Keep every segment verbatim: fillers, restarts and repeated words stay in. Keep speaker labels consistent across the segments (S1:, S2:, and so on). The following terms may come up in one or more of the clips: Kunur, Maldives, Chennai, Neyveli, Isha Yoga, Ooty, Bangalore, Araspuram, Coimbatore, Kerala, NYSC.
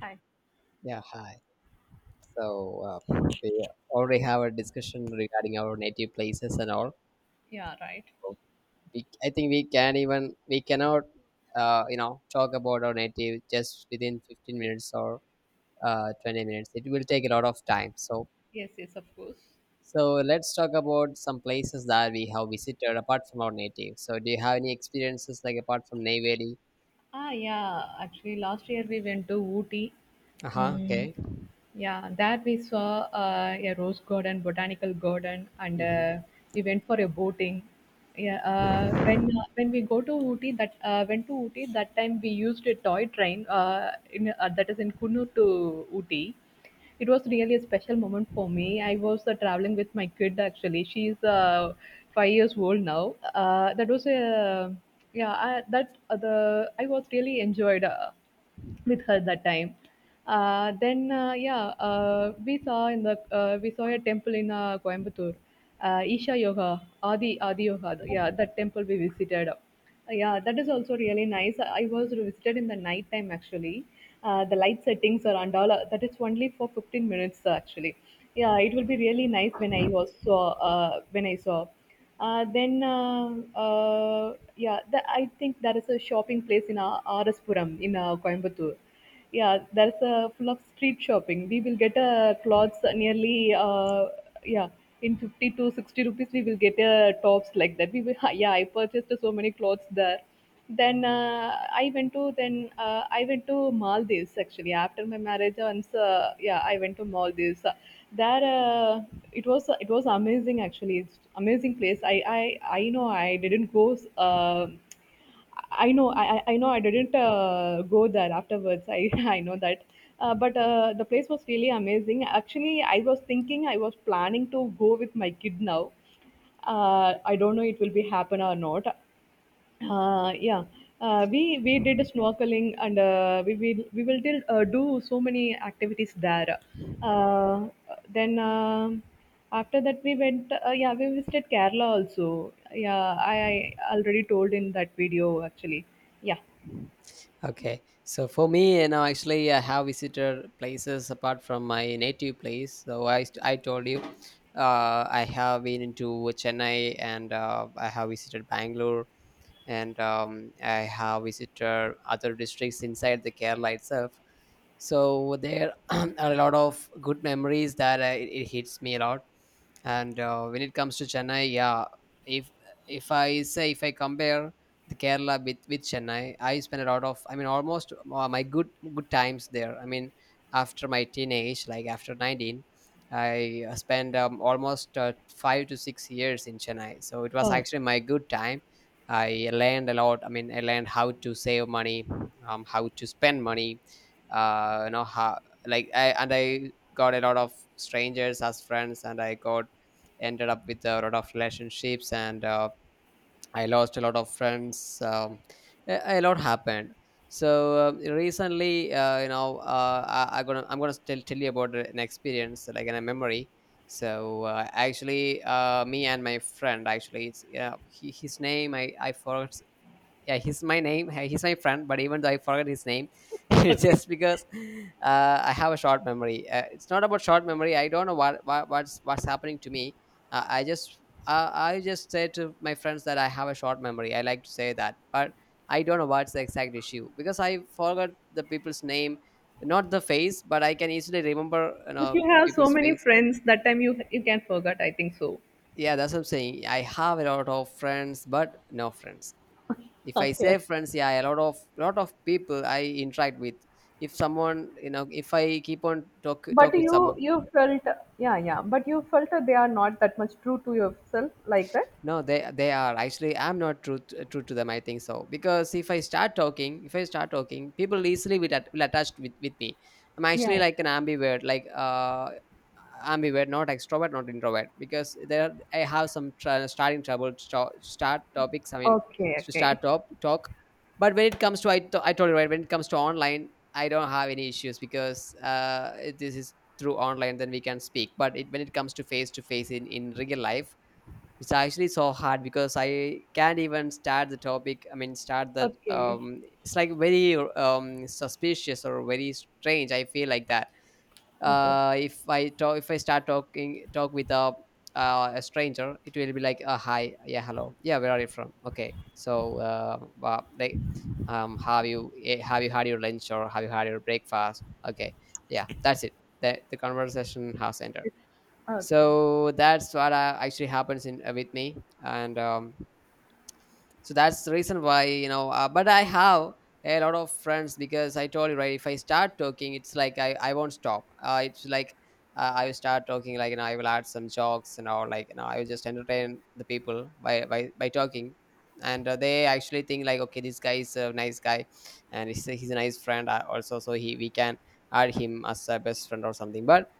S1: Hi.
S2: Yeah, hi. So uh, we already have a discussion regarding our native places and all.
S1: Yeah, right.
S2: So We, I think we can even we cannot, uh, you know, talk about our native just within fifteen minutes or uh, twenty minutes. It will take a lot of time. So
S1: Yes, yes, of course.
S2: so let's talk about some places that we have visited apart from our native. So do you have any experiences like apart from Neyveli?
S1: Ah, yeah. Actually, last year we went to Ooty.
S2: Uh huh.
S1: Mm,
S2: Okay.
S1: Yeah, that we saw uh, a rose garden, botanical garden, and
S2: Mhm.
S1: uh, we went for a boating. Yeah, uh, when uh, when we go to Ooty, that uh, went to Ooty that time we used a toy train. Uh, in uh, That is in Kunur to Ooty. It was really a special moment for me. I was uh, traveling with my kid actually. She's uh, five years old now. Uh, that was a yeah I, that uh, the I was really enjoyed. Uh, with her that time. Uh, then uh, yeah, uh, we saw in the uh, we saw a temple in uh, Coimbatore, uh, Isha Yoga, Adi Adi Yoga. Yeah, that temple we visited. Uh, yeah, that is also really nice. I was visited in the night time actually. Uh, the light settings are and all. uh, That is only for fifteen minutes uh, actually. Yeah, it will be really nice when I also uh, when I saw. Uh, then uh, uh, uh, yeah, that, I think there is a shopping place in uh, Araspuram in uh, Coimbatore. Yeah, there's a full of street shopping. We will get uh, clothes nearly uh, yeah in fifty to sixty rupees. We will get uh, tops like that. We will, yeah, I purchased so many clothes there. Then uh, I went to then uh, I went to Maldives actually after my marriage. Once uh, yeah, I went to Maldives. Uh, There uh, it was it was amazing actually. It's amazing place. I I I know I didn't go. Uh, I know, I I I know I didn't uh, go there afterwards. I I know that. Uh, but uh, the place was really amazing. Actually, I was thinking, I was planning to go with my kid now. uh, I don't know it will be happen or not. Uh, yeah, uh, we we did snorkeling and uh, we will we will did, uh, do so many activities there. Uh, then um after that we went. Uh, yeah, we visited Kerala also. Yeah, I, I already told in that video actually. Yeah.
S2: Okay, so for me, you know, actually, I have visited places apart from my native place. So I, st- I told you, uh, I have been into Chennai, and uh, I have visited Bangalore, and um, I have visited other districts inside the Kerala itself, so there are a lot of good memories that uh, it, it hits me a lot. And uh, when it comes to Chennai, yeah, if if I say, if I compare the Kerala with with Chennai, I spend a lot of, I mean, almost uh, my good good times there. I mean, after my teenage, like after nineteen, I uh, spent um, almost uh, five to six years in Chennai, so it was
S1: Oh,
S2: actually my good time. I learned a lot. I mean, I learned how to save money, um, how to spend money, uh, you know how like I and I got a lot of strangers as friends, and I got ended up with a lot of relationships, and uh, I lost a lot of friends. Um, a, a lot happened. So um, recently, uh, you know, uh, I, I'm gonna I'm gonna tell tell you about an experience, like in a memory. So uh, actually, uh, me and my friend, actually, it's, yeah, he, his name I I forgot. Yeah, he's my name hey, he's my friend, but even though I forget his name, it's
S1: okay.
S2: just because uh, I have a short memory. Uh, it's not about short memory. I don't know what, what what's what's happening to me. uh, i just uh, I just say to my friends that I have a short memory. I like to say that, but I don't know what's the exact issue, because I forgot the people's name, not the face. But I can easily remember, you
S1: If
S2: know,
S1: you
S2: the
S1: have so
S2: people's
S1: many
S2: face.
S1: friends, that time you you can forget. I think so.
S2: Yeah, that's what I'm saying. I have a lot of friends, but no friends. If I
S1: Okay.
S2: say friends, yeah, a lot of lot of people I interact with. If someone, you know, if I keep on talk
S1: But
S2: talk with
S1: you
S2: someone.
S1: you felt Yeah, yeah. But you felt that they are not that much true to yourself like that.
S2: No, they they are actually. I'm not true t- true to them, I think, so because if I start talking, if I start talking, people easily will, at, will attach with with me. I'm
S1: Yeah,
S2: actually
S1: yeah.
S2: like an ambivert, like uh, ambivert, not extrovert, not introvert, because there I have some tr- starting trouble to sto- start topics. I mean,
S1: Okay,
S2: to
S1: okay.
S2: start top talk, but when it comes to I to- I told you, right, when it comes to online, I don't have any issues because uh, it- this is through online, then we can speak. But it, when it comes to face to face in in real life, it's actually so hard because I can't even start the topic. I mean, start that.
S1: Okay.
S2: Um it's like very um suspicious or very strange. I feel like that.
S1: Okay.
S2: Uh if I talk if I start talking talk with a uh, a stranger, it will be like, uh, hi, yeah, hello, yeah, where are you from, okay, so uh wow, like, um have you, eh, have you had your lunch, or have you had your breakfast, okay, yeah, that's it. The, the conversation has ended.
S1: Okay.
S2: So that's what uh, actually happens in, uh, with me. And um, so that's the reason why, you know, uh, but I have a lot of friends, because I told you, right, if I start talking, it's like i, I won't stop. Uh, it's like uh, I will start talking, like, you know, I will add some jokes and all, like, you know, I will just entertain the people by by, by talking. And uh, they actually think like, okay, this guy is a nice guy, and he's a, he's a nice friend, uh, also, so he we can add him as a best friend or something. But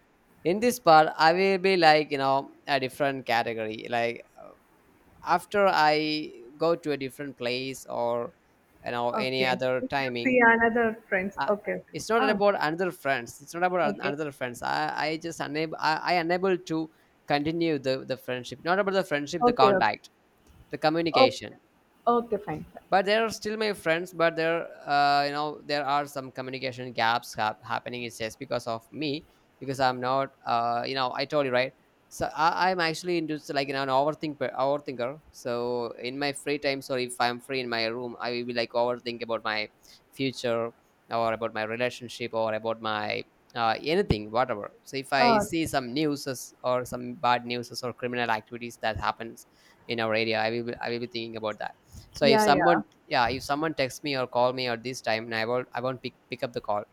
S2: in this part, I will be like, you know, a different category, like uh, after I go to a different place, or, you know, any
S1: Okay.
S2: other
S1: If you
S2: timing.
S1: see another friends,
S2: uh,
S1: okay, okay.
S2: it's not
S1: Ah,
S2: about another friends. It's not about an-
S1: okay.
S2: another friends. i i just unable i, I unable to continue the the friendship. Not about the friendship, the
S1: Okay. Okay.
S2: contact, the
S1: Okay.
S2: communication.
S1: Okay. Fine. Fine.
S2: But they are still my friends, but there, uh, you know, there are some communication gaps hap- happening. It's just because of me, because I'm not, uh, you know, I told you, right. So I, I'm actually into s- like, you know, an overthinker. overthinker so in my free time. So if I'm free in my room, I will be like overthink about my future, or about my relationship, or about my, uh, anything, whatever. So if I
S1: Ah,
S2: see some news, or some bad news, or criminal activities that happens in our area, I will be, I will be thinking about that. So if
S1: yeah, yeah.
S2: someone, yeah, if someone texts me or call me at this time, I won't, I won't pick, pick up the call,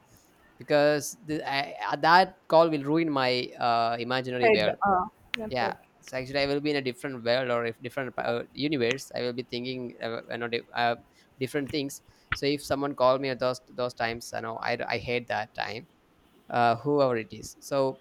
S2: because the, I, uh, that call will ruin my uh, imaginary
S1: Head.
S2: world.
S1: Ah,
S2: Yeah.
S1: okay,
S2: So actually I will be in a different world, or if different uh, universe. I will be thinking, uh, you know, di- uh, different things. So if someone call me at those those times, you know, i, I hate that time, uh, whoever it is. So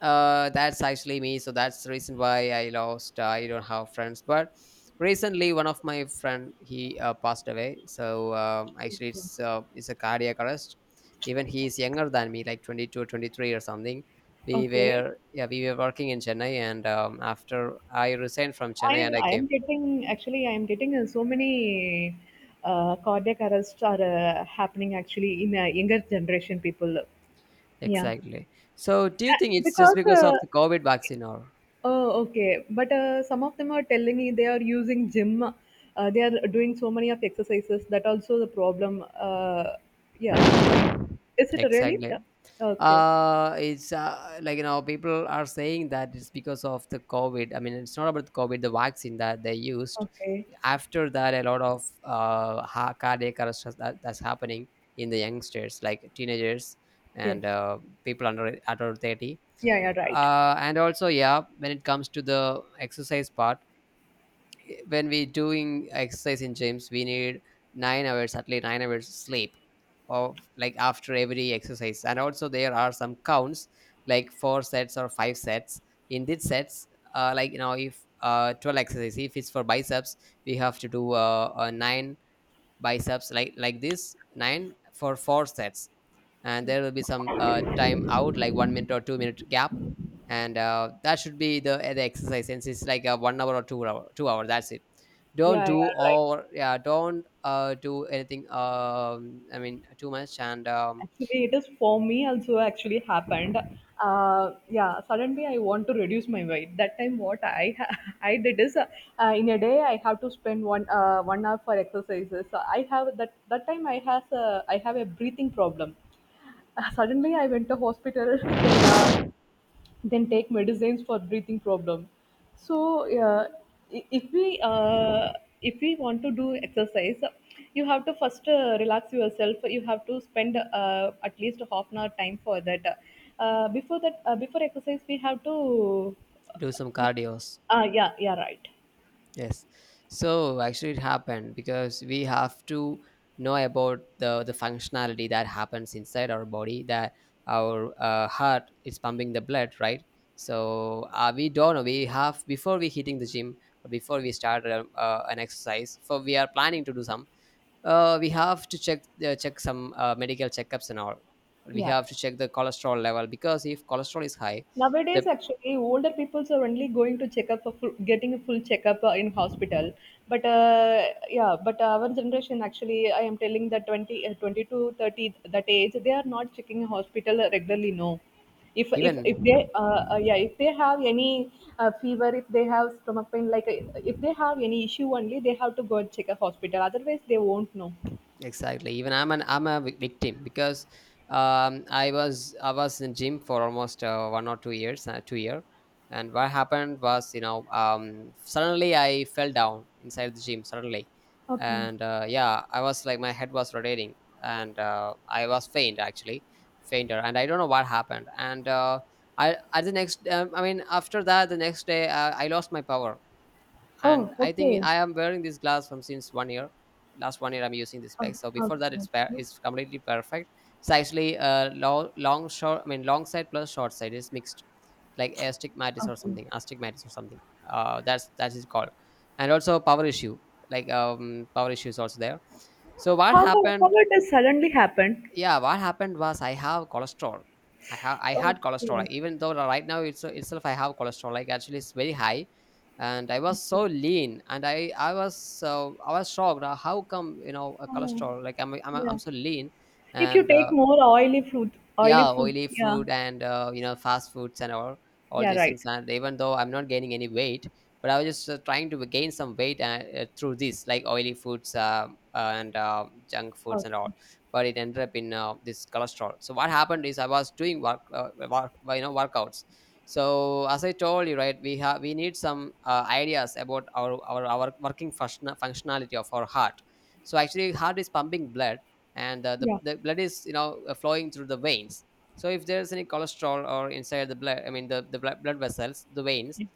S2: uh, that's actually me. So that's the reason why I lost. uh, I don't have friends. But recently, one of my friend, he uh, passed away. So um, actually,
S1: okay.
S2: it's uh, it's a cardiac arrest. Even he is younger than me, like twenty two, twenty three or something. We
S1: Okay.
S2: were, yeah, we were working in Chennai, and um, after I resigned from
S1: I
S2: Chennai and
S1: am
S2: I
S1: I am
S2: came.
S1: getting actually I am getting uh, so many uh, cardiac arrests are uh, happening actually in uh, younger generation people. Yeah.
S2: Exactly. So do you think
S1: Yeah,
S2: it's just
S1: because
S2: because of
S1: uh,
S2: the COVID vaccine or
S1: oh, okay. But uh, some of them are telling me they are using gym. Uh, they are doing so many of exercises. That also the problem. Uh, yeah. Is it really?
S2: exactly?
S1: Yeah. Okay.
S2: Uh it's, uh, like, you know, people are saying that it's because of the COVID. I mean, it's not about the COVID, the vaccine that they used.
S1: Okay.
S2: After that, a lot of uh ha- cardiac arrest has- that, that's happening in the youngsters, like teenagers,
S1: Yes.
S2: and uh, people under under thirty.
S1: Yeah. Yeah. Right.
S2: Uh and also, yeah, when it comes to the exercise part, when we doing exercise in gyms, we need nine hours, at least nine hours sleep, of like after every exercise. And also, there are some counts, like four sets or five sets. In these sets, uh, like, you know, if uh, twelve exercises, if it's for biceps, we have to do uh, a nine biceps, like like this nine for four sets. And there will be some uh, time out, like one minute or two minute gap. And uh, that should be the the exercise, since it's like a one hour or two hour two hour that's it. Don't
S1: Yeah. Yeah.
S2: do,
S1: Right.
S2: or yeah, don't uh, do anything, um, I mean, too much. And um,
S1: Actually, it is for me also actually happened. Uh, yeah, suddenly I want to reduce my weight. That time, what I ha- I did is uh, uh, in a day I have to spend one uh, one hour for exercises. So I have that that time I has a, I have a breathing problem. Uh, suddenly I went to hospital. then uh, then take medicines for breathing problem. So uh, i- if we uh, if we want to do exercise, you have to first uh, relax yourself. You have to spend uh, at least half an hour time for that. Uh, before that uh, before exercise we have to
S2: do
S1: uh,
S2: some
S1: what?
S2: cardio.
S1: Uh, yeah, yeah, right.
S2: Yes. So actually it happened because we have to know about the the functionality that happens inside our body, that our uh, heart is pumping the blood, right? So uh, we don't know. We have before we hitting the gym, or before we start uh, uh, an exercise. For we are planning to do some. Uh, we have to check uh, check some uh, medical checkups and all. We
S1: Yeah.
S2: have to check the cholesterol level, because if cholesterol is high,
S1: Nowadays,
S2: the
S1: actually, older people are only going to check up for full, getting a full checkup uh, in hospital. But uh, yeah, but our generation actually, I am telling that twenty, uh, twenty to thirty, that age, they are not checking hospital regularly. No, if if if they
S2: even
S1: uh, uh, yeah, if they have any uh, fever, if they have stomach pain, like uh, if they have any issue, only they have to go and check a hospital. Otherwise, they won't know.
S2: exactly. Even I'm an I'm a vic- victim because um, I was I was in gym for almost uh, one or two years, uh, two year, and what happened was you know um, suddenly I fell down inside the gym suddenly.
S1: Okay.
S2: And uh, yeah, I was like my head was rotating, and uh, I was faint actually, fainter, and I don't know what happened. And uh, I, at the next, um, I mean, after that the next day, uh, I lost my power, and
S1: Oh,
S2: I think
S1: okay.
S2: I am wearing this glass from since one year. Last one year I'm using this
S1: Oh,
S2: spec. So before that it's pa-
S1: okay.
S2: it's completely perfect. It's actually, uh, long long short, I mean long side plus short side is mixed, like astigmatis or
S1: Okay.
S2: something, astigmatis or something. uh, that's that is called, and also power issue. Like um power issue is also there. So what
S1: How how
S2: happened?
S1: it has suddenly happened?
S2: Yeah, what happened was I have cholesterol. i have I had cholesterol,
S1: Okay.
S2: even though right now it's itself I have cholesterol, like actually it's very high. And I was
S1: Okay.
S2: so lean, and i i was so, I was shocked. Uh, how come, you know, a
S1: Oh,
S2: cholesterol, like i'm i'm, I'm
S1: yeah.
S2: so lean.
S1: If you
S2: And
S1: take
S2: uh,
S1: more oily food, oily
S2: Yeah,
S1: food,
S2: oily
S1: yeah,
S2: food, and uh, you know, fast foods and all all
S1: yeah,
S2: these
S1: right.
S2: things. And even though I'm not gaining any weight, but I was just uh, trying to gain some weight uh, uh, through this, like, oily foods, uh, and uh, junk foods and all.
S1: Okay.
S2: But it ended up in uh, this cholesterol. So what happened is, I was doing work, uh, work, uh, you know, workouts. So as I told you, right, we have we need some uh, ideas about our, our our working function- functionality of our heart. So actually heart is pumping blood, and uh, the,
S1: Yeah,
S2: the blood is, you know, uh, flowing through the veins. So if there's any cholesterol or inside the blood, I mean the, the blood, blood vessels, the veins,
S1: yeah.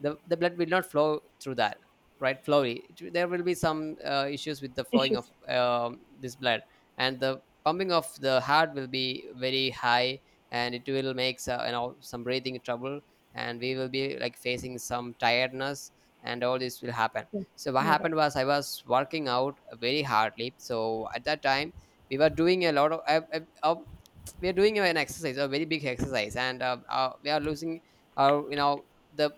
S2: the, the blood will not flow through that, right, flowly. It- there will be some uh, issues with the flowing of
S1: Issues.
S2: um, this blood, and the pumping of the heart will be very high, and it will make so- you know, some breathing trouble, and we will be like facing some tiredness, and all this will happen.
S1: Yeah.
S2: So what
S1: Yeah,
S2: happened
S1: right.
S2: was, I was working out very hardly. So at that time, we were doing a lot of uh, uh, uh, we are doing an exercise, a very big exercise, and uh, uh, we are losing our, you know, the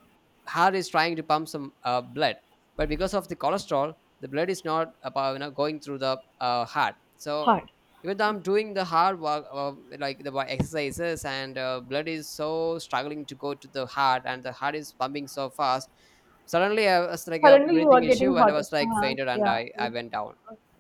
S2: heart is trying to pump some uh, blood, but because of the cholesterol, the blood is not about, you know, going through the uh, heart. So
S1: Hard.
S2: even though I'm doing the hard work, uh, like the wo- exercises, and uh, blood is so struggling to go to the heart, and the heart is pumping so fast. Suddenly I was like a
S1: Suddenly you are
S2: breathing
S1: getting
S2: issue, and I
S1: hotter.
S2: was like
S1: Ah,
S2: fainted, and
S1: yeah.
S2: i, I
S1: Okay.
S2: went down.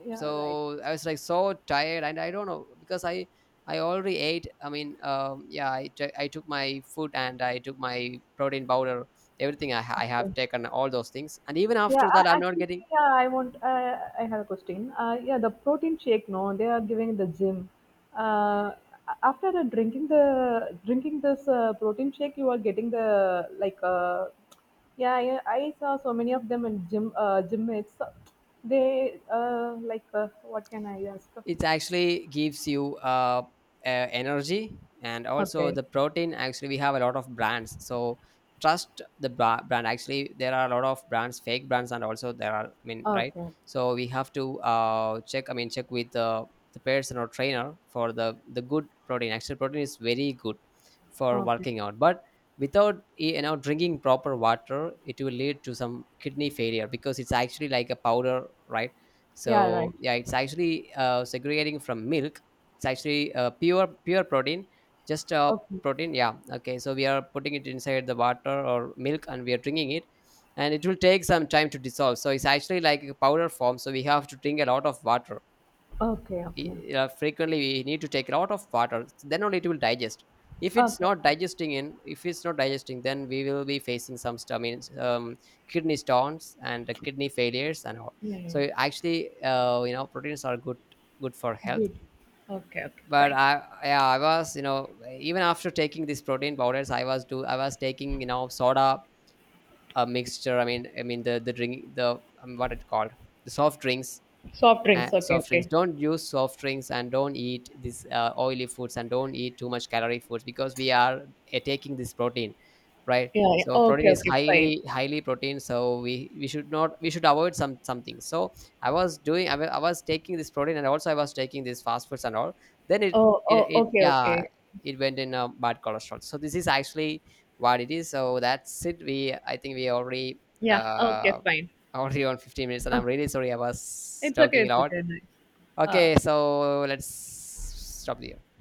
S1: Yeah, right.
S2: So I was like so tired, and I don't know, because i I already ate, I mean, um, yeah, I t- I took my food, and I took my protein powder, everything I, ha- I have
S1: Okay.
S2: taken all those things, and even
S1: Yeah,
S2: after that I'm
S1: I,
S2: not
S1: actually,
S2: getting
S1: yeah, I want. Uh, I have a question. Uh, yeah, the protein shake, no, they are giving in the gym. Uh, After the drinking the drinking this uh, protein shake, you are getting the like. Uh, yeah, I, I saw so many of them in gym uh, gym mates. They uh, like uh, what can I ask?
S2: it. Actually gives you uh, uh, energy, and also
S1: Okay,
S2: the protein, actually we have a lot of brands. So trust the bra- brand. Actually there are a lot of brands, fake brands, and also there are, I mean, right.
S1: okay,
S2: So we have to uh, check, I mean, check with the, the person or trainer for the the good protein. Actually protein is very good for
S1: okay.
S2: working out, but without, you know, drinking proper water, it will lead to some kidney failure, because it's actually like a powder, right.
S1: Yeah,
S2: So
S1: right.
S2: yeah, it's actually uh, segregating from milk. It's actually uh, pure pure protein, just uh,
S1: Okay,
S2: protein, yeah, okay. So we are putting it inside the water or milk, and we are drinking it, and it will take some time to dissolve. So it's actually like a powder form, so we have to drink a lot of water.
S1: okay, okay,
S2: I- uh, frequently we need to take a lot of water, then only it will digest. if it's
S1: okay.
S2: not digesting in if it's not digesting, then we will be facing some stomach, um, kidney stones, and uh, kidney failures and all.
S1: Yeah, yeah.
S2: So actually, uh, you know, proteins are good, good for health.
S1: Good. Okay, okay,
S2: But
S1: fine.
S2: I yeah, I was, you know, even after taking these protein powders, I was do I was taking, you know, soda, a mixture, i mean i mean the the drink, the um, what it called, the soft drinks.
S1: Soft
S2: Uh,
S1: drinks. Okay,
S2: soft drinks,
S1: okay.
S2: don't use soft drinks, and don't eat these uh, oily foods, and don't eat too much calorie foods, because we are uh, taking this protein, right.
S1: Yeah, yeah.
S2: So protein
S1: Okay,
S2: is
S1: okay, fine.
S2: highly, highly protein, so we we should not, we should avoid some something. So I was doing, I wa- I was taking this protein, and also I was taking these fast foods and all, then it
S1: Oh,
S2: it,
S1: oh,
S2: it,
S1: okay,
S2: yeah,
S1: okay.
S2: it went in uh, bad cholesterol. So this is actually what it is. So that's it. We, I think we already
S1: Yeah, okay,
S2: uh
S1: fine.
S2: already on fifteen minutes, and
S1: Uh,
S2: I'm really sorry, I was
S1: it's okay,
S2: talking a
S1: it's
S2: lot.
S1: okay. Nice. Uh,
S2: Okay, so let's stop the